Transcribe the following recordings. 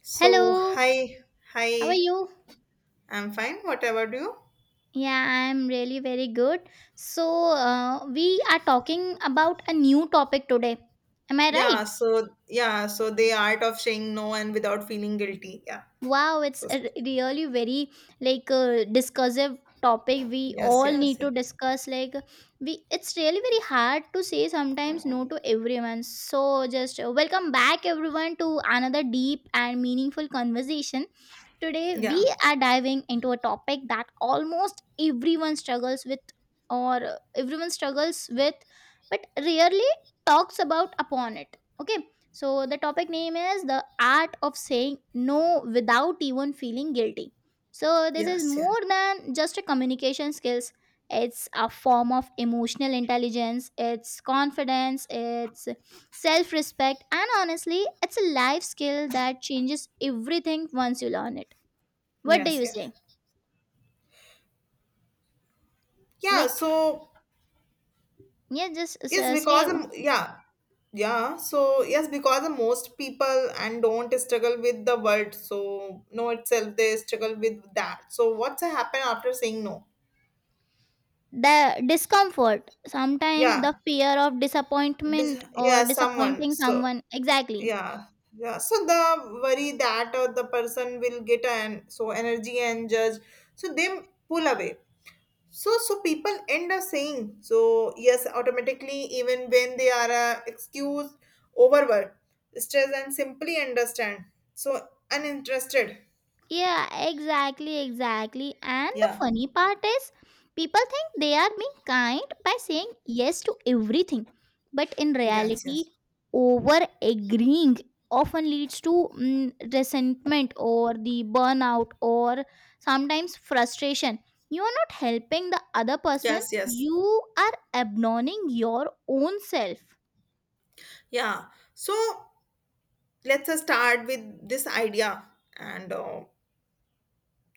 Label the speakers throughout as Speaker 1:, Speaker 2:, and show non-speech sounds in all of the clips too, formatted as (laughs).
Speaker 1: So,
Speaker 2: Hello,
Speaker 1: hi,
Speaker 2: how are
Speaker 1: hi,
Speaker 2: you?
Speaker 1: I'm fine. What about you?
Speaker 2: Yeah, I'm really very good. So, we are talking about a new topic today. Am I right?
Speaker 1: So the art of saying no and without feeling guilty. Yeah.
Speaker 2: Wow, it's
Speaker 1: So,
Speaker 2: a really very, like discursive topic we all
Speaker 1: yes,
Speaker 2: need
Speaker 1: yeah.
Speaker 2: to discuss, like we it's really very hard to say sometimes no to everyone, so just welcome back everyone to another deep and meaningful conversation. Today we
Speaker 1: Yeah,
Speaker 2: are diving into a topic that almost everyone struggles with, or everyone struggles with, but rarely talks about upon it. Okay, so the topic name is the art of saying no without even feeling guilty. So this is
Speaker 1: yes, yeah.
Speaker 2: more than just a communication skills. It's a form of emotional intelligence, it's confidence, it's self-respect, and honestly, it's a life skill that changes everything once you learn it. What do
Speaker 1: Yes,
Speaker 2: you
Speaker 1: yes.
Speaker 2: say?
Speaker 1: Yeah,
Speaker 2: Like,
Speaker 1: so,
Speaker 2: yeah, just
Speaker 1: yes,
Speaker 2: say
Speaker 1: because, yes, because the most people and don't struggle with the word. So, no itself, they struggle with that. So, what's happen after saying no?
Speaker 2: the discomfort, sometimes the
Speaker 1: Yeah,
Speaker 2: fear of
Speaker 1: this,
Speaker 2: disappointment or
Speaker 1: yeah, someone.
Speaker 2: disappointing
Speaker 1: So,
Speaker 2: someone. Exactly.
Speaker 1: yeah, yeah so the worry that the person will get an so energy and judge so they pull away so people end up saying so yes automatically even when they are excused, overworked, stressed and simply understand so uninterested.
Speaker 2: Yeah, exactly, exactly. And the
Speaker 1: Yeah.
Speaker 2: funny part is, people think they are being kind by saying yes to everything. But in
Speaker 1: yes
Speaker 2: reality,
Speaker 1: yes
Speaker 2: over agreeing often leads to resentment, or the burnout, or sometimes frustration. You are not helping the other person,
Speaker 1: yes.
Speaker 2: you are abandoning your own self.
Speaker 1: Yeah, so let's start with this idea and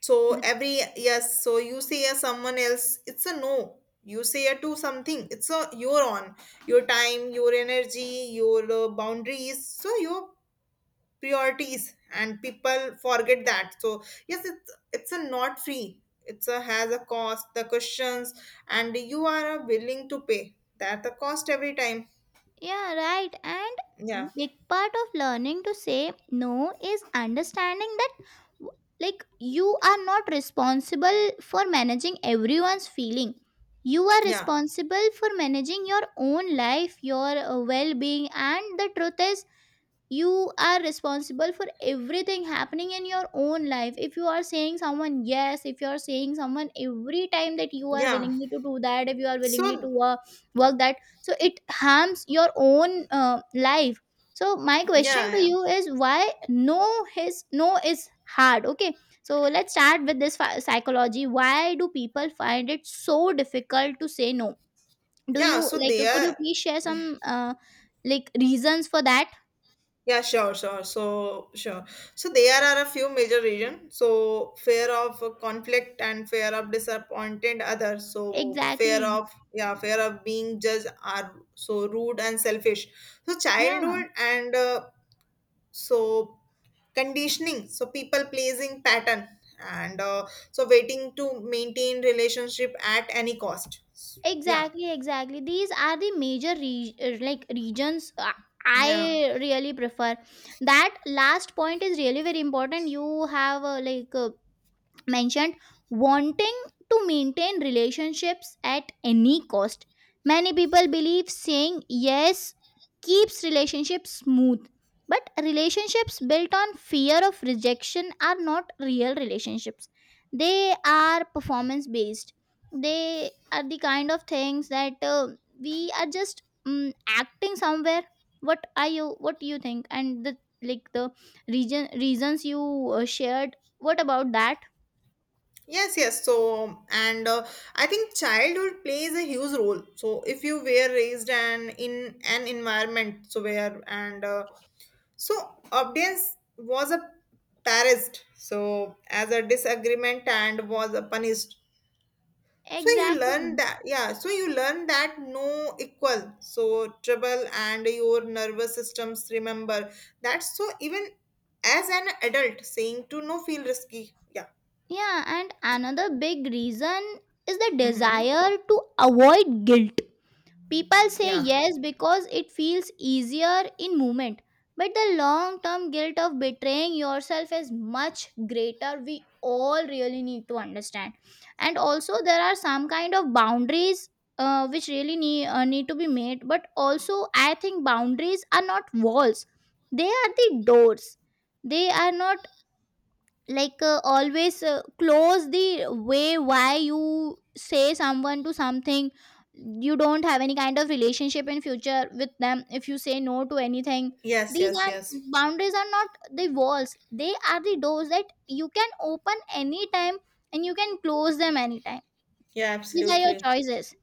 Speaker 1: so every yes, so you say a someone else, it's a no. You say a to something, it's a you're on your time, your energy, your boundaries, so your priorities, and people forget that. So yes, it's a not free. It's a has a cost, the questions, and you are willing to pay that the cost every time.
Speaker 2: Yeah, right. And the
Speaker 1: Yeah,
Speaker 2: big part of learning to say no is understanding that w- like, you are not responsible for managing everyone's feeling. You are
Speaker 1: yeah,
Speaker 2: responsible for managing your own life, your well being, and the truth is, you are responsible for everything happening in your own life. If you are saying someone yes, if you are saying someone every time that you are
Speaker 1: yeah.
Speaker 2: willingly to do that, if you are willingly to
Speaker 1: So
Speaker 2: work, work that so it harms your own life. So my question
Speaker 1: yeah,
Speaker 2: to
Speaker 1: yeah,
Speaker 2: you is, why no his no is hard? Okay, so let's start with this psychology. Why do people find it so difficult to say no? Do
Speaker 1: yeah.
Speaker 2: you,
Speaker 1: So
Speaker 2: like,
Speaker 1: they
Speaker 2: could you
Speaker 1: are.
Speaker 2: please share some like reasons for that?
Speaker 1: Sure. So, there are a few major reasons. So, fear of conflict and fear of disappointing others. So, fear
Speaker 2: Exactly.
Speaker 1: of, fear of being judged are so rude and selfish. So,
Speaker 2: Yeah,
Speaker 1: childhood and so conditioning. So, people pleasing pattern and so waiting to maintain relationship at any cost. Yeah,
Speaker 2: exactly, exactly. These are the major like regions
Speaker 1: yeah.
Speaker 2: I really prefer. That last point is really very important. You have like mentioned wanting to maintain relationships at any cost. Many people believe saying yes keeps relationships smooth, but relationships built on fear of rejection are not real relationships. They are performance based. They are the kind of things that we are just mm acting somewhere. What do you think? And the region reasons you shared, what about that?
Speaker 1: Yes, yes. So, and I think childhood plays a huge role. So, if you were raised and in an environment, so where and so obedience was a parasite. So, as a disagreement and was a punished. So you learn
Speaker 2: Exactly.
Speaker 1: that, yeah. So you learn that no equal. So trouble and your nervous systems remember that. So even as an adult, saying to no feel risky. Yeah.
Speaker 2: Yeah, and another big reason is the
Speaker 1: Mm-hmm.
Speaker 2: desire to avoid guilt. People say
Speaker 1: Yeah.
Speaker 2: yes because it feels easier in moment, but the long term guilt of betraying yourself is much greater. We all really need to understand. And also, there are some kind of boundaries which really need to be made, but also, I think boundaries are not walls, they are the doors. They are not, like always close the way. Why you say someone to something, you don't have any kind of relationship in future with them if you say no to anything?
Speaker 1: Yes,
Speaker 2: These
Speaker 1: yes,
Speaker 2: are,
Speaker 1: yes.
Speaker 2: boundaries are not the walls, they are the doors that you can open anytime, and you can close them anytime.
Speaker 1: Yeah,
Speaker 2: These are your
Speaker 1: absolutely.
Speaker 2: choices.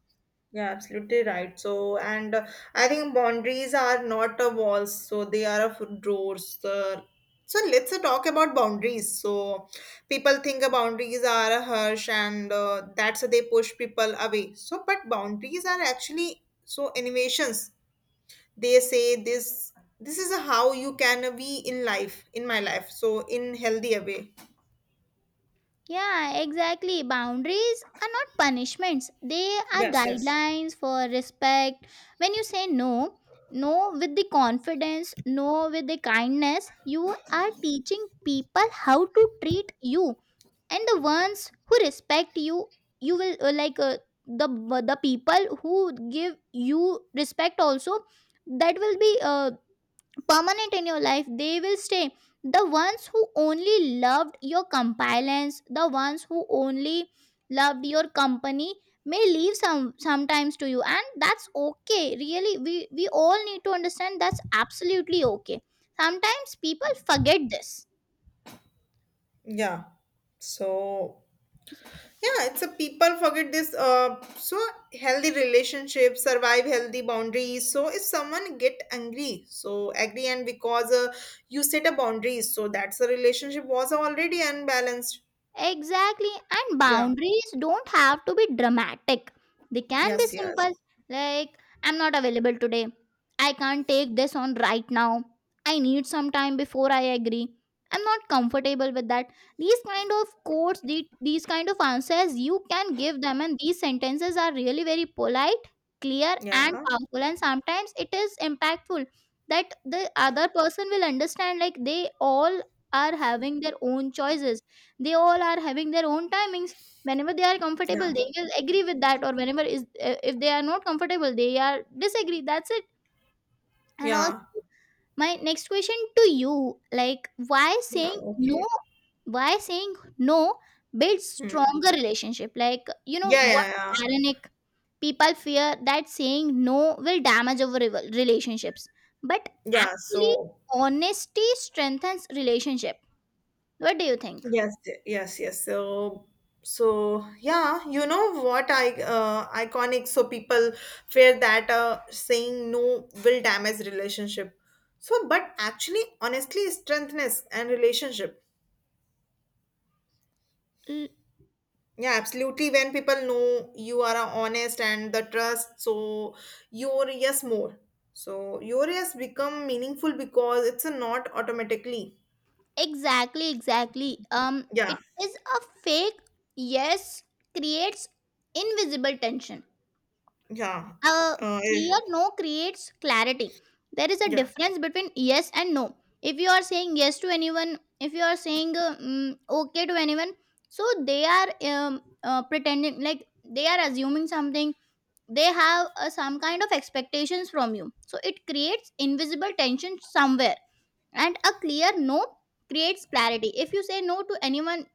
Speaker 1: Yeah, absolutely right. So, and I think boundaries are not a walls, so they are of doors. So let's talk about boundaries. So people think boundaries are a harsh, and that's they push people away. So, but boundaries are actually so innovations. They say this. This is how you can be in life, in my life. So in healthier way.
Speaker 2: Yeah, exactly. Boundaries are not punishments, they are
Speaker 1: Yes, yes.
Speaker 2: guidelines for respect. When you say no, no with the confidence, no with the kindness, you are teaching people how to treat you. And the ones who respect you, you will like the the people who give you respect also, that will be permanent in your life, they will stay. The ones who only loved your compliance, the ones who only loved your company, may leave sometimes to you, and that's okay. Really, we all need to understand, that's absolutely okay. Sometimes people forget this.
Speaker 1: Yeah. So yeah, it's a people forget this. So healthy relationships survive healthy boundaries. So if someone get angry, so angry and because you set a boundary, so that's the relationship was already unbalanced.
Speaker 2: Exactly, and
Speaker 1: Yeah.
Speaker 2: boundaries don't have to be dramatic. They can be
Speaker 1: Yes. Yes.
Speaker 2: simple, like, I'm not available today. I can't take this on right now. I need some time before I agree. I'm not comfortable with that. These kind of quotes, these kind of answers you can give them, and these sentences are really very polite, clear, and
Speaker 1: Yeah.
Speaker 2: powerful. And sometimes it is impactful that the other person will understand, like they all are having their own choices, they all are having their own timings. Whenever they are comfortable,
Speaker 1: Yeah.
Speaker 2: they will agree with that, or whenever is, if they are not comfortable, they are disagree, that's it. And also,
Speaker 1: Yeah.
Speaker 2: my next question to you, like, why
Speaker 1: Yeah.
Speaker 2: saying no
Speaker 1: Okay.
Speaker 2: why saying no builds
Speaker 1: Hmm.
Speaker 2: stronger relationship? Like, you know
Speaker 1: Yeah.
Speaker 2: what,
Speaker 1: Yeah. Yeah.
Speaker 2: ironic, people fear that saying no will damage our relationships, but
Speaker 1: Yeah.
Speaker 2: actually,
Speaker 1: So
Speaker 2: honesty strengthens relationship. What do you think?
Speaker 1: Yes, yes. So, so yeah, you know what I iconic. So people fear that saying no will damage relationship. So, but actually, honestly, strengthness and relationship. Yeah, absolutely. When people know you are honest and the trust, so your yes more. So your yes become meaningful because it's a not automatically.
Speaker 2: Exactly, exactly. Um,
Speaker 1: Yeah,
Speaker 2: it is a fake yes creates invisible tension.
Speaker 1: yeah,
Speaker 2: A
Speaker 1: uh,
Speaker 2: clear no creates clarity. There is a
Speaker 1: yeah,
Speaker 2: difference between yes and no. If you are saying yes to anyone, if you are saying okay to anyone, so they are pretending, like they are assuming something. They have some kind of expectations from you. So it creates invisible tension somewhere, and a clear no creates clarity. If you say no to anyone,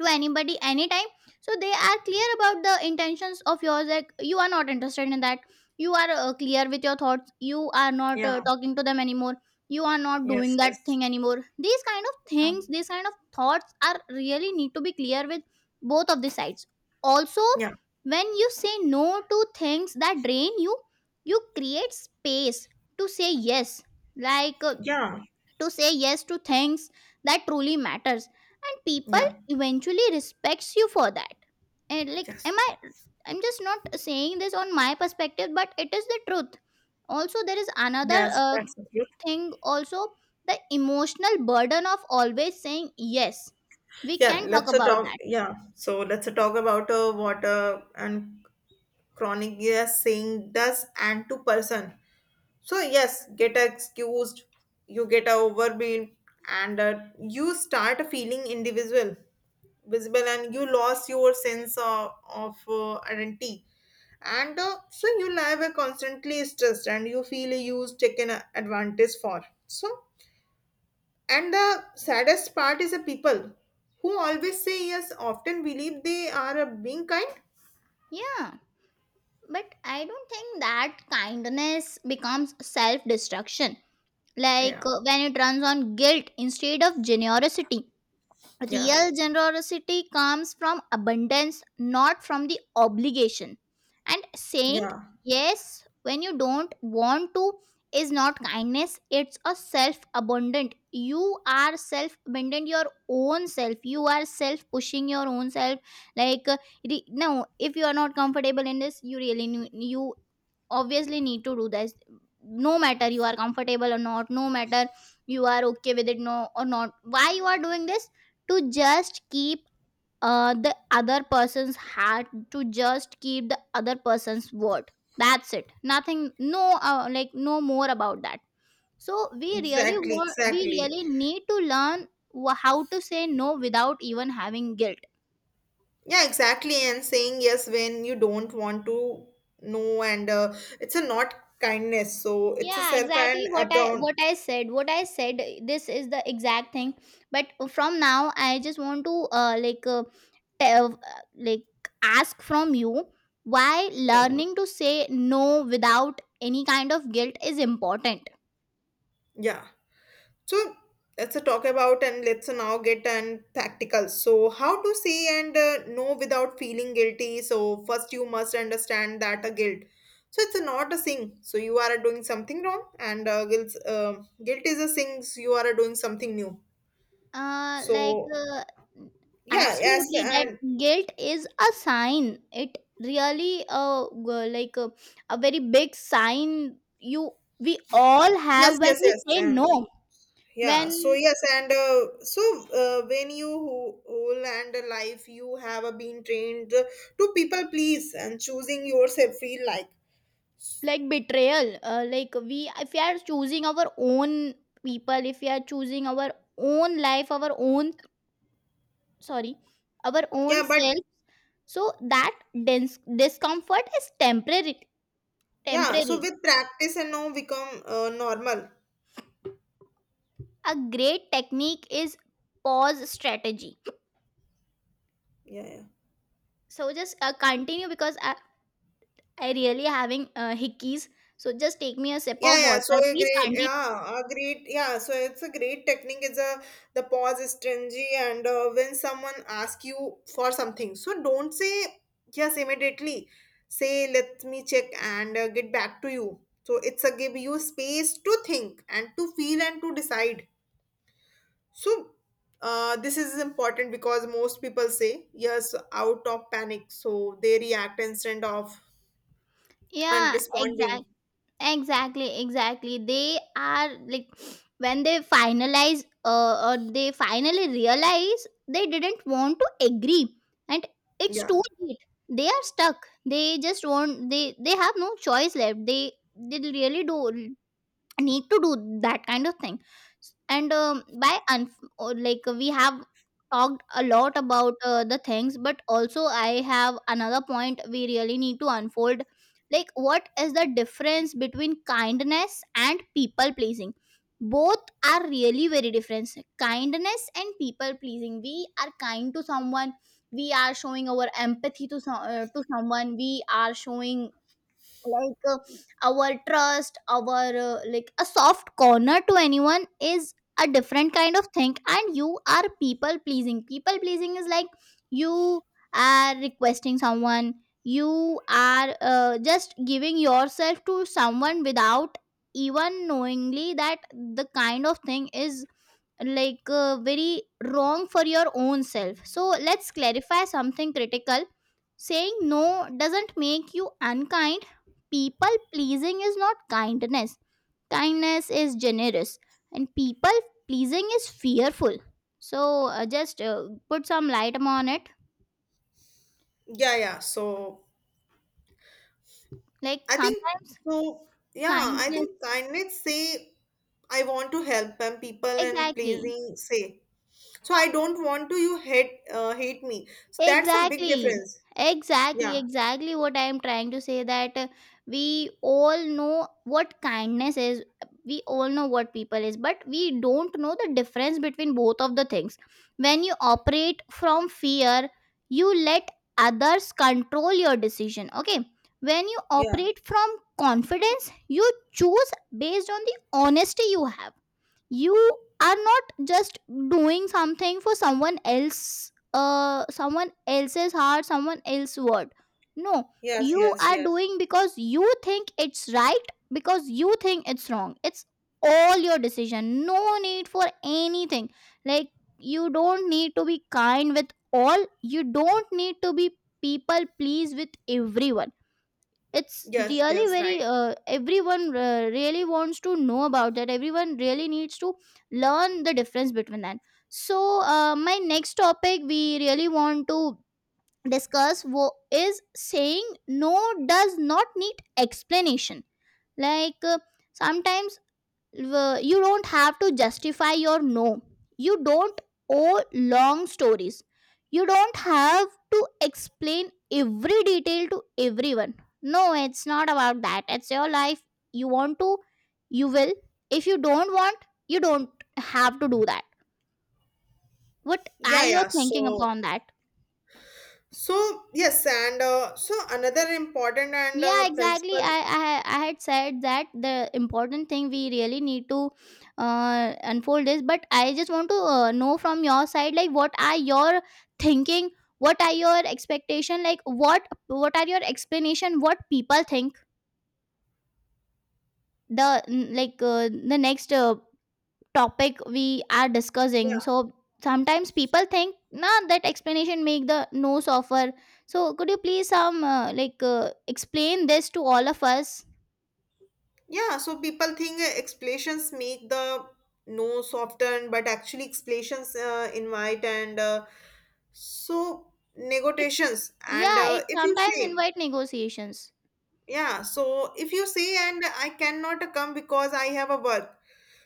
Speaker 2: to anybody anytime, so they are clear about the intentions of yours, like, you are not interested in that, you are clear with your thoughts, you are not
Speaker 1: yeah.
Speaker 2: talking to them anymore, you are not
Speaker 1: Yes,
Speaker 2: doing that
Speaker 1: yes.
Speaker 2: thing anymore. These kind of
Speaker 1: Yeah.
Speaker 2: things, these kind of thoughts are really need to be clear with both of the sides. Also,
Speaker 1: Yeah,
Speaker 2: when you say no to things that drain you, you create space to say yes, like
Speaker 1: yeah,
Speaker 2: to say yes to things that truly matters, and people
Speaker 1: yeah,
Speaker 2: eventually respects you for that. And like,
Speaker 1: yes,
Speaker 2: am I I'm just not saying this on my perspective, but it is the truth. Also, there is another
Speaker 1: yes, that's the truth.
Speaker 2: thing also, the emotional burden of always saying yes, we
Speaker 1: Yeah,
Speaker 2: can talk
Speaker 1: let's uh,
Speaker 2: about
Speaker 1: talk.
Speaker 2: that.
Speaker 1: Yeah, so let's uh, talk about what and chronic yes saying does and to person. So yes, get excused, you get overwhelmed, and you start feeling individual, visible, and you lost your sense of identity. And so you live a constantly stressed, and you feel used, taken advantage for. So and the saddest part is the people who always say yes often believe they are being kind.
Speaker 2: Yeah, but I don't think that kindness becomes self destruction, like
Speaker 1: Yeah,
Speaker 2: when it runs on guilt instead of generosity.
Speaker 1: yeah,
Speaker 2: Real generosity comes from abundance, not from the obligation. And saying
Speaker 1: yeah,
Speaker 2: yes when you don't want to is not kindness, it's a self abundant. You are self abundant, your own self. You are self pushing your own self. Like, no, if you are not comfortable in this, you really need, you obviously need to do this. No matter you are comfortable or not, no matter you are okay with it no or not, why you are doing this? To just keep the other person's hat, to just keep the other person's word, that's it, nothing. No, like, no more about that. So we really
Speaker 1: exactly,
Speaker 2: want we
Speaker 1: exactly.
Speaker 2: really need to learn how to say no without even having guilt.
Speaker 1: Yeah, exactly. And saying yes when you don't want to know, and it's a not kindness, so it's a
Speaker 2: Yeah,
Speaker 1: self
Speaker 2: exactly.
Speaker 1: and abroad.
Speaker 2: What I said this is the exact thing. But from now, I just want to like tell like ask from you, why
Speaker 1: Yeah.
Speaker 2: learning to say no without any kind of guilt is important?
Speaker 1: Yeah. So let's now get and practical. So how to say and no without feeling guilty. So first you must understand that a guilt. So it's not a thing. So you are doing something wrong, and guilt is a thing. You are doing something new.
Speaker 2: uh like
Speaker 1: So
Speaker 2: uh,
Speaker 1: yeah, yes,
Speaker 2: absolutely that
Speaker 1: and
Speaker 2: guilt is a sign. It really a very big sign you we all
Speaker 1: yes,
Speaker 2: have when
Speaker 1: yes,
Speaker 2: we
Speaker 1: yes,
Speaker 2: say
Speaker 1: and
Speaker 2: no.
Speaker 1: yeah. So
Speaker 2: When,
Speaker 1: yes, and so when you whole and life you have been trained to people please and choosing yourself feel like
Speaker 2: like, betrayal, like, we, if we are choosing our own people, if we are choosing our own life, sorry our own
Speaker 1: yeah, but
Speaker 2: self, so that dense discomfort is temporary
Speaker 1: yeah, so
Speaker 2: temporary
Speaker 1: with practice and now become normal.
Speaker 2: A great technique is pause strategy.
Speaker 1: Yeah, yeah.
Speaker 2: So just continue, because I really having hickeys, so just take me a sip
Speaker 1: Yeah,
Speaker 2: of
Speaker 1: yeah. So
Speaker 2: water, please continue.
Speaker 1: it's a great technique. It's a the pause is stringy, and when someone asks you for something, so don't say yes immediately. Say let me check and get back to you. So it's a give you space to think and to feel and to decide. So, this is important because most people say yes out of panic, so they react instead of and
Speaker 2: Yeah, exactly.
Speaker 1: responding.
Speaker 2: Exactly, exactly. They are like, when they finalize, or they finally realize they didn't want to agree, and it's
Speaker 1: Yeah,
Speaker 2: too late. They are stuck. They have no choice left. They really do need to do that kind of thing. And by un or like, we have talked a lot about the things, but also I have another point we really need to unfold, like, what is the difference between kindness and people pleasing? Both are really very different. Kindness and people pleasing, we are kind to someone, we are showing our empathy to to someone, we are showing, like our trust, our like a soft corner to anyone, is a different kind of thing. And you are people pleasing. People pleasing is like, you are requesting someone, you are just giving yourself to someone without even knowingly that the kind of thing is, like very wrong for your own self. So let's clarify something critical. Saying no doesn't make you unkind. People pleasing is not kindness. Kindness is generous, and people pleasing is fearful. So just put some light upon it.
Speaker 1: yeah. So
Speaker 2: Like,
Speaker 1: I think
Speaker 2: sometimes
Speaker 1: so. Yeah, I
Speaker 2: kindness,
Speaker 1: think kindness say I want to help and people and
Speaker 2: exactly.
Speaker 1: pleasing say so I don't want to you hate hate me. So that's a big
Speaker 2: Exactly.
Speaker 1: difference.
Speaker 2: Exactly,
Speaker 1: Yeah,
Speaker 2: exactly, what I am trying to say that we all know what kindness is. We all know what people is, but we don't know the difference between both of the things. When you operate from fear, you let others control your decision. Okay. When you
Speaker 1: yeah.
Speaker 2: operate from confidence, you choose based on the honesty you have. You are not just doing something for someone else, someone else's heart, someone else's word. No,
Speaker 1: Yes,
Speaker 2: you
Speaker 1: yes,
Speaker 2: are
Speaker 1: yes.
Speaker 2: doing because you think it's right, because you think it's wrong. It's all your decision, no need for anything. Like, you don't need to be kind with all, you don't need to be people please with everyone. It's
Speaker 1: Yes,
Speaker 2: really
Speaker 1: yes,
Speaker 2: very
Speaker 1: right.
Speaker 2: everyone really wants to know about that, everyone really needs to learn the difference between that. So my next topic we really want to discuss is saying no does not need explanation. Like, sometimes you don't have to justify your no, you don't owe long stories, you don't have to explain every detail to everyone. No, it's not about that, it's your life. You want to, you will. If you don't want, you don't have to do that. What are
Speaker 1: Yeah,
Speaker 2: you
Speaker 1: yeah.
Speaker 2: thinking
Speaker 1: So
Speaker 2: upon that?
Speaker 1: so yes, and so another important and
Speaker 2: Yeah, exactly.
Speaker 1: principle,
Speaker 2: I had said that the important thing we really need to unfold is, but I just want to know from your side like what are your thinking, what are your expectation, like what are your explanation, what people think. The like the next topic we are discussing.
Speaker 1: yeah,
Speaker 2: So sometimes people think nah, that explanation make the no suffer. So could you please some like explain this to all of us?
Speaker 1: yeah. So people think explanations make the no soften, but actually explanations invite and so negotiations. And
Speaker 2: Yeah, it
Speaker 1: if you
Speaker 2: sometimes
Speaker 1: say,
Speaker 2: invite negotiations.
Speaker 1: yeah, so if you say, and I cannot come because I have a work,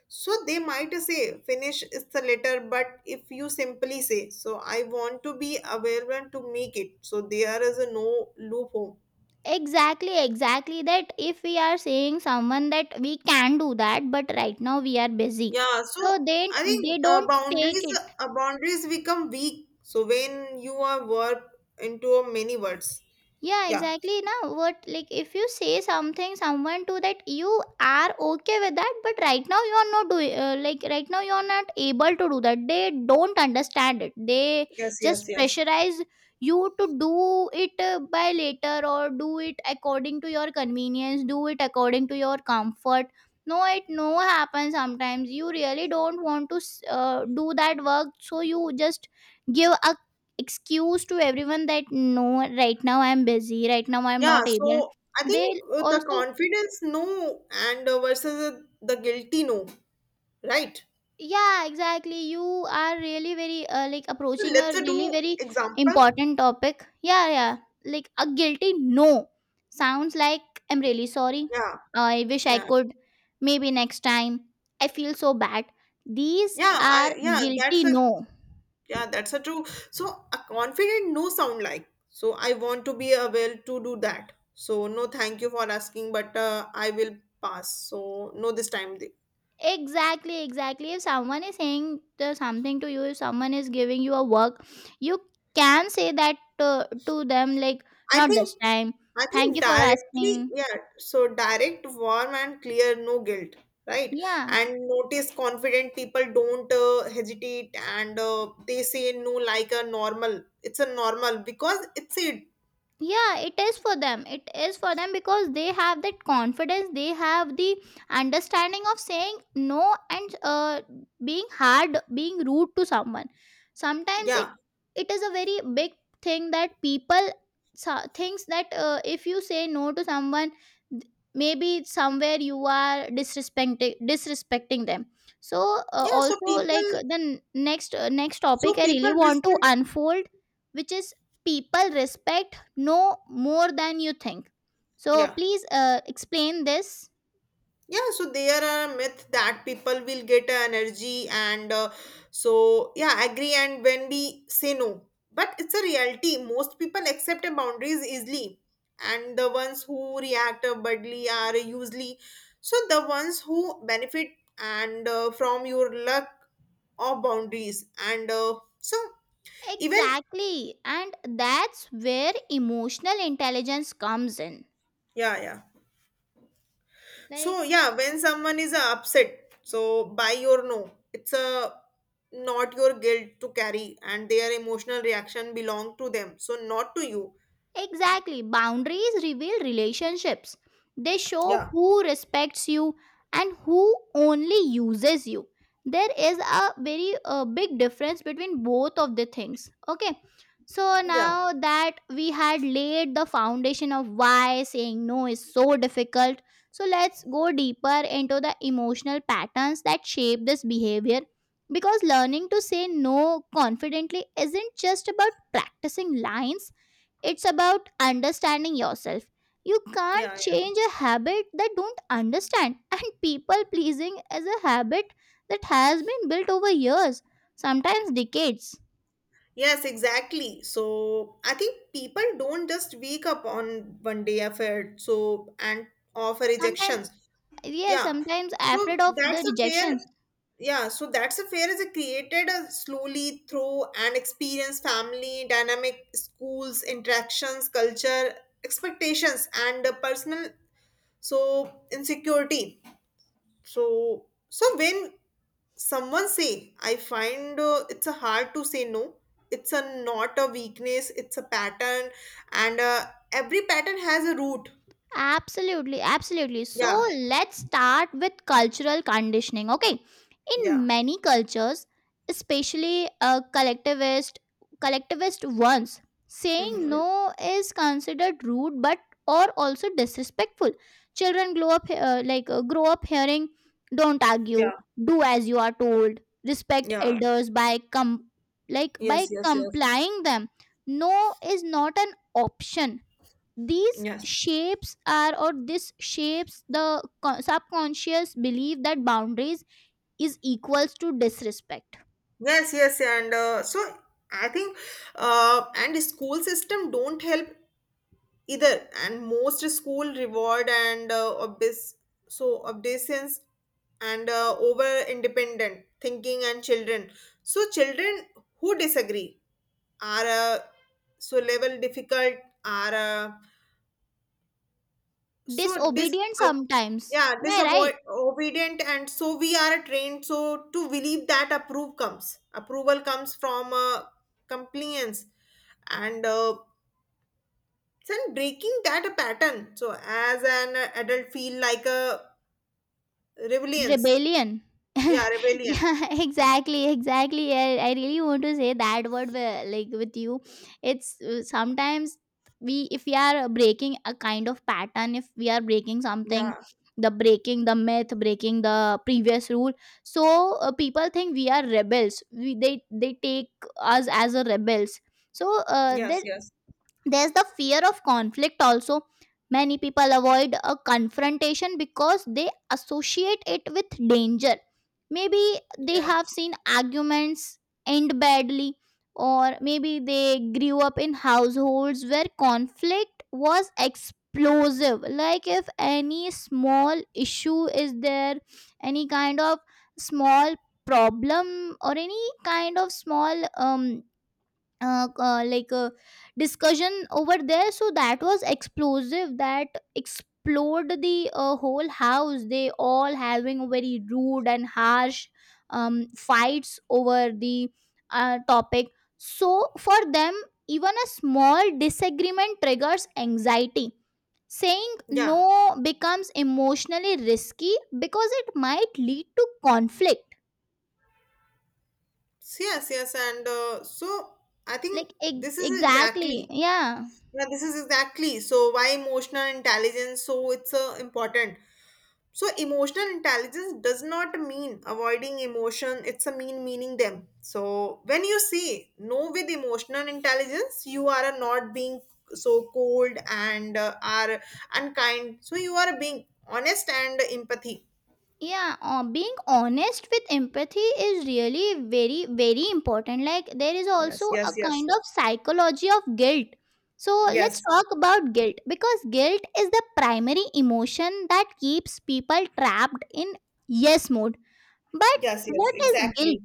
Speaker 1: so they might say finish is the letter, but if you simply say, so I want to be available to make it, so there is a no loophole.
Speaker 2: Exactly, exactly. That if we are saying someone that we can do that, but right now we are busy,
Speaker 1: Yeah,
Speaker 2: so
Speaker 1: so
Speaker 2: they
Speaker 1: I
Speaker 2: they
Speaker 1: think
Speaker 2: don't take it.
Speaker 1: boundaries become weak. So when you are work into a many words,
Speaker 2: Yeah,
Speaker 1: yeah,
Speaker 2: exactly. Now what, like if you say something someone to that you are okay with that, but right now you are not doing, like right now you are not able to do that, they don't understand it. They
Speaker 1: Yes, yes,
Speaker 2: just
Speaker 1: yes.
Speaker 2: pressurize you to do it, by later, or do it according to your convenience, do it according to your comfort. No, it no happens. Sometimes you really don't want to do that work, so you just give a excuse to everyone that no, right now I'm busy, right now I'm
Speaker 1: Yeah.
Speaker 2: not able.
Speaker 1: So I
Speaker 2: They
Speaker 1: think the
Speaker 2: also.
Speaker 1: confidence no and versus the guilty no, right?
Speaker 2: Yeah, exactly. You are really very like
Speaker 1: So
Speaker 2: approaching a
Speaker 1: let's
Speaker 2: really
Speaker 1: do
Speaker 2: very
Speaker 1: example.
Speaker 2: important topic. Yeah, yeah. Like a guilty no sounds like I'm really sorry,
Speaker 1: Yeah,
Speaker 2: I wish I
Speaker 1: yeah,
Speaker 2: could, maybe next time, I feel so bad. These
Speaker 1: yeah.
Speaker 2: are
Speaker 1: That's
Speaker 2: guilty
Speaker 1: a
Speaker 2: no.
Speaker 1: yeah, that's a true. So a confident no sound like. So I want to be able to do that. So no, thank you for asking, but I will pass. So no, this time.
Speaker 2: Exactly, exactly. If someone is saying the something to you, if someone is giving you a work, you can say that to them, like,
Speaker 1: I
Speaker 2: not
Speaker 1: think,
Speaker 2: this time.
Speaker 1: I
Speaker 2: Thank
Speaker 1: think
Speaker 2: you for
Speaker 1: directly.
Speaker 2: asking.
Speaker 1: Yeah. So direct, warm, and clear. No guilt, right?
Speaker 2: Yeah,
Speaker 1: And notice confident people don't hesitate, and they say no like a normal. It's a normal because it's it.
Speaker 2: yeah, it is for them, it is for them, because they have that confidence, they have the understanding of saying no. And being hard, being rude to someone, sometimes it,
Speaker 1: Yeah.
Speaker 2: it is a very big thing that people thinks that if you say no to someone, maybe somewhere you are disrespecting them. So
Speaker 1: Yeah. So
Speaker 2: also,
Speaker 1: people.
Speaker 2: like the next next topic
Speaker 1: So
Speaker 2: I
Speaker 1: people
Speaker 2: really want to
Speaker 1: respect.
Speaker 2: unfold, which is people respect know more than you think. So
Speaker 1: Yeah.
Speaker 2: please explain this.
Speaker 1: Yeah so there are a myth that people will get a energy and so yeah agree and when we say no but it's a reality most people accept a boundaries easily and the ones who react badly are usually so the ones who benefit and from your luck or boundaries and so even
Speaker 2: Exactly. And that's where emotional intelligence comes in.
Speaker 1: yeah yeah. So
Speaker 2: Like,
Speaker 1: yeah, when someone is upset, so by your no, it's a not your guilt to carry, and their emotional reaction belong to them, so not to you.
Speaker 2: exactly. Boundaries reveal relationships. They
Speaker 1: Yeah,
Speaker 2: show who respects you and who only uses you. There is a very big difference between both of the things. Okay. So
Speaker 1: yeah,
Speaker 2: now that we had laid the foundation of why saying no is so difficult, so let's go deeper into the emotional patterns that shape this behavior. Because learning to say no confidently isn't just about practicing lines, it's about understanding yourself. You can't
Speaker 1: yeah.
Speaker 2: change a habit that don't understand. (laughs) And people pleasing is a habit that has been built over years, sometimes decades.
Speaker 1: Yes, exactly. So I think people don't just wake up on one day affair, so and offer
Speaker 2: Sometimes
Speaker 1: rejections.
Speaker 2: yeah,
Speaker 1: Yeah,
Speaker 2: sometimes afraid
Speaker 1: so
Speaker 2: of the
Speaker 1: that's a fair.
Speaker 2: rejection.
Speaker 1: Yeah so that's a fair is a created a slowly through an experience family dynamic schools interactions culture expectations and personal so insecurity so when someone say I find it's a hard to say no it's a not a weakness it's a pattern and every pattern has a root.
Speaker 2: Absolutely, absolutely. So
Speaker 1: Yeah
Speaker 2: let's start with cultural conditioning. Okay,
Speaker 1: yeah
Speaker 2: in many cultures, especially collectivist ones, saying
Speaker 1: hmm
Speaker 2: no is considered rude, but or also disrespectful. Children grow up grow up hearing, "Don't argue,
Speaker 1: yeah
Speaker 2: do as you are told, respect
Speaker 1: yeah
Speaker 2: elders by com like
Speaker 1: yes
Speaker 2: by
Speaker 1: yes yes
Speaker 2: complying them." No is not an option. These
Speaker 1: yes.
Speaker 2: shapes are, or this shapes the subconscious belief that boundaries is equals to disrespect,
Speaker 1: Yes, yes, and so I think, and school system don't help either. And most school reward and obvious, so obedience and over independent thinking and children. So children who disagree are uh, so level difficult are. So dis
Speaker 2: disobedience
Speaker 1: uh,
Speaker 2: sometimes,
Speaker 1: yeah
Speaker 2: am I
Speaker 1: disavoid
Speaker 2: right?
Speaker 1: obedient and so we are trained so to believe that approve comes approval comes from compliance and then breaking that pattern so as an adult feel like a rebellion.
Speaker 2: Rebellion.
Speaker 1: Yeah
Speaker 2: (laughs)
Speaker 1: rebellion
Speaker 2: Yeah, (laughs) exactly, exactly. I really want to say that word like with you. It's sometimes we, if we are breaking a kind of pattern, if we are breaking
Speaker 1: yeah
Speaker 2: something, the breaking the myth, breaking the previous rule. So people think we are rebels. We, they take us as a rebels. So
Speaker 1: yes
Speaker 2: there,
Speaker 1: yes
Speaker 2: there's the fear of conflict also. Many people avoid a confrontation because they associate it with danger. Maybe they
Speaker 1: yes.
Speaker 2: have seen arguments end badly, or maybe they grew up in households where conflict was explosive. Like if any small issue is there, any kind of small problem, or any kind of small like a discussion over there, so that was explosive, that explored the whole house. They all having very rude and harsh fights over the topic. So for them, even a small disagreement triggers anxiety. Saying
Speaker 1: Yeah
Speaker 2: no becomes emotionally risky because it might lead to conflict.
Speaker 1: yes and so I think
Speaker 2: Like
Speaker 1: this is
Speaker 2: exactly,
Speaker 1: exactly
Speaker 2: yeah.
Speaker 1: yeah, this is exactly so why emotional intelligence so it's important. So emotional intelligence does not mean avoiding emotion, it's a mean meaning them. So when you say no with emotional intelligence, you are not being so cold and are unkind. So you are being honest and empathy.
Speaker 2: Yeah, being honest with empathy is really very very important. Like there is also
Speaker 1: Yes, yes,
Speaker 2: a
Speaker 1: yes.
Speaker 2: kind of psychology of guilt. So let's
Speaker 1: Yes.
Speaker 2: talk about guilt, because guilt is the primary emotion that keeps people trapped in yes mode. But
Speaker 1: Yes, yes,
Speaker 2: what is
Speaker 1: exactly.
Speaker 2: guilt,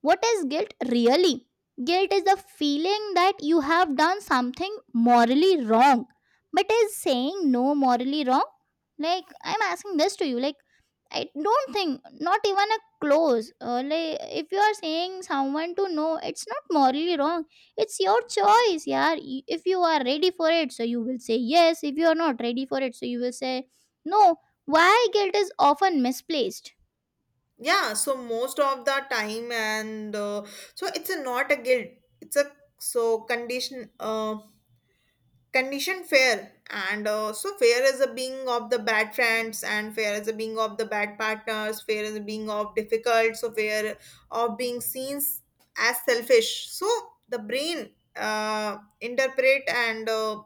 Speaker 2: what is guilt really? Guilt is the feeling that you have done something morally wrong. But is saying no morally wrong? Like, I'm asking this to you. Like, I don't think, not even a close. Like, if you are saying someone to no, it's not morally wrong. It's your choice, yeah. If you are ready for it, so you will say yes. If you are not ready for it, so you will say no. Why guilt is often misplaced?
Speaker 1: Yeah, so most of the time, and so it's a, not a guilt. It's a so condition, condition fair, and so fair is a being of the bad friends, and fair is a being of the bad partners. Fair is a being of difficult. So fair of being seen as selfish. So the brain interpret and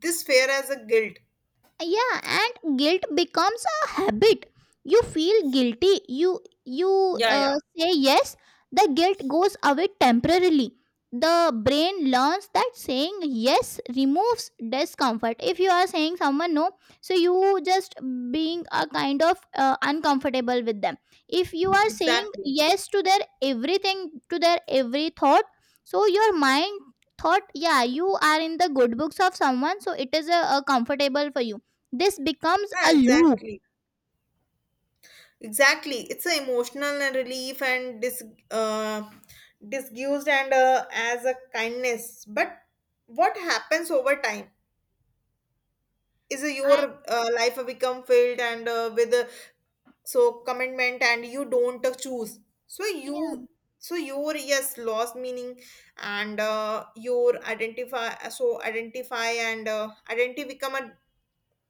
Speaker 1: this fair as a guilt.
Speaker 2: Yeah, and guilt becomes a habit. You feel guilty, you
Speaker 1: Yeah, yeah.
Speaker 2: say yes, the guilt goes away temporarily. The brain learns that saying yes removes discomfort. If you are saying someone no, so you just being a kind of uncomfortable with them. If you are saying
Speaker 1: Exactly.
Speaker 2: yes to their everything, to their every thought, so your mind thought yeah, you are in the good books of someone, so it is a comfortable for you. This becomes
Speaker 1: Yeah,
Speaker 2: a loop.
Speaker 1: exactly. Exactly. It's an emotional and relief and uh, disgust and as a kindness. But what happens over time is your
Speaker 2: I,
Speaker 1: life become filled and with so commitment and you don't choose. So you
Speaker 2: yeah.
Speaker 1: so your yes lost meaning and your identify so identify and identity become a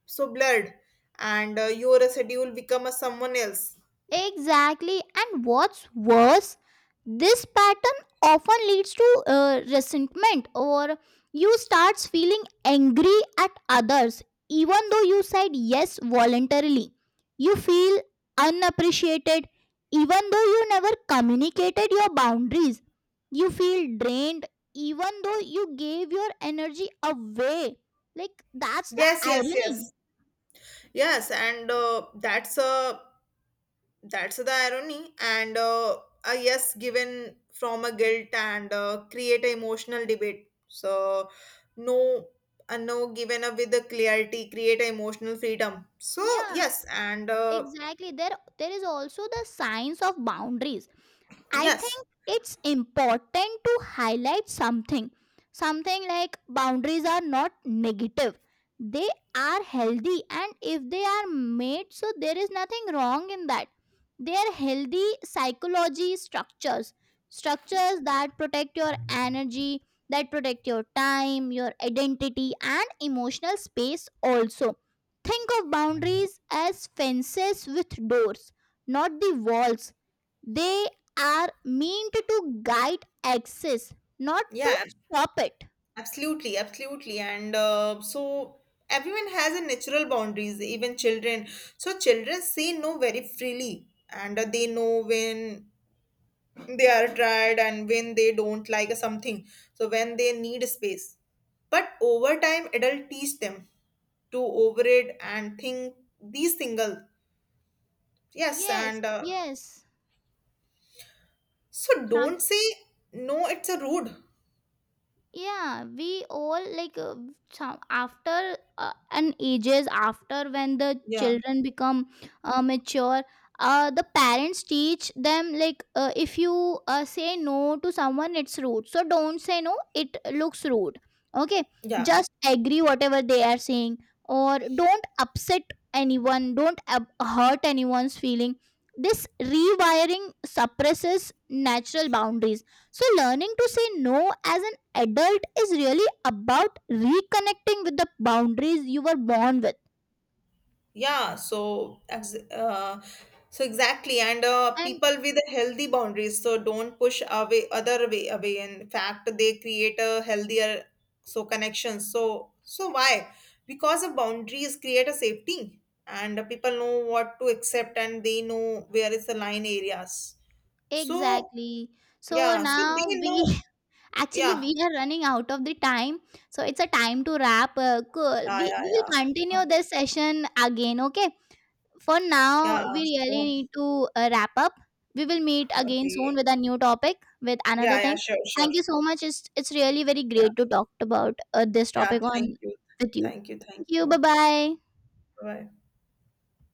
Speaker 1: so blurred and your schedule become a someone else.
Speaker 2: Exactly. And what's worse, this pattern often leads to resentment, or you starts feeling angry at others, even though you said yes voluntarily. You feel unappreciated, even though you never communicated your boundaries. You feel drained, even though you gave your energy away. Like that's the
Speaker 1: Yes, yes,
Speaker 2: irony.
Speaker 1: yes. Yes, and that's a that's the irony, and a yes given from a guilt and create a emotional debate. So no, a no given up with a clarity create a emotional freedom. So
Speaker 2: Yeah,
Speaker 1: yes, and
Speaker 2: exactly. There is also the science of boundaries. I
Speaker 1: yes,
Speaker 2: think it's important to highlight something. Something like boundaries are not negative, they are healthy, and if they are made, so there is nothing wrong in that. They are healthy psychology structures, structures that protect your energy, that protect your time, your identity, and emotional space also. Think of boundaries as fences with doors, not the walls. They are meant to guide access, not to
Speaker 1: yeah,
Speaker 2: stop it.
Speaker 1: absolutely, absolutely, and so everyone has a natural boundaries, even children. So children say no very freely, and they know when they are tired and when they don't like something so when they need space but over time adult teach them to over it and think these single yes
Speaker 2: Yes,
Speaker 1: and
Speaker 2: yes.
Speaker 1: so don't say no it's a rude
Speaker 2: Yeah, we all like some after an ages after, when the
Speaker 1: yeah
Speaker 2: children become mature, the parents teach them like, if you say no to someone, it's rude, so don't say no, it looks rude. Okay,
Speaker 1: yeah.
Speaker 2: just agree whatever they are saying, or don't upset anyone, don't hurt anyone's feeling. This rewiring suppresses natural boundaries. So learning to say no as an adult is really about reconnecting with the boundaries you were born with.
Speaker 1: Yeah, so so exactly, and
Speaker 2: And
Speaker 1: people with healthy boundaries, so don't push away other way away. In fact, they create a healthier so connections. So so why? Because of boundaries create a safety, and people know what to accept, and they know where is the line areas. So
Speaker 2: exactly. So
Speaker 1: yeah, so
Speaker 2: now
Speaker 1: they
Speaker 2: we,
Speaker 1: know.
Speaker 2: (laughs) actually
Speaker 1: Yeah,
Speaker 2: we are running out of the time. So it's a time to wrap. Cool.
Speaker 1: yeah,
Speaker 2: We,
Speaker 1: yeah,
Speaker 2: we will
Speaker 1: yeah.
Speaker 2: continue
Speaker 1: Okay.
Speaker 2: this session again. Okay. For now,
Speaker 1: Yeah.
Speaker 2: we really
Speaker 1: So
Speaker 2: need to wrap up. We will meet again soon
Speaker 1: okay.
Speaker 2: with a new topic, with another
Speaker 1: Yeah, yeah.
Speaker 2: thing.
Speaker 1: Sure.
Speaker 2: Thank you so much. It's really very
Speaker 1: Yeah.
Speaker 2: great to talk about this
Speaker 1: Yeah,
Speaker 2: topic
Speaker 1: thank
Speaker 2: on
Speaker 1: you.
Speaker 2: with you.
Speaker 1: Thank you. Thank
Speaker 2: Thank you. Bye
Speaker 1: you.
Speaker 2: bye.
Speaker 1: Bye.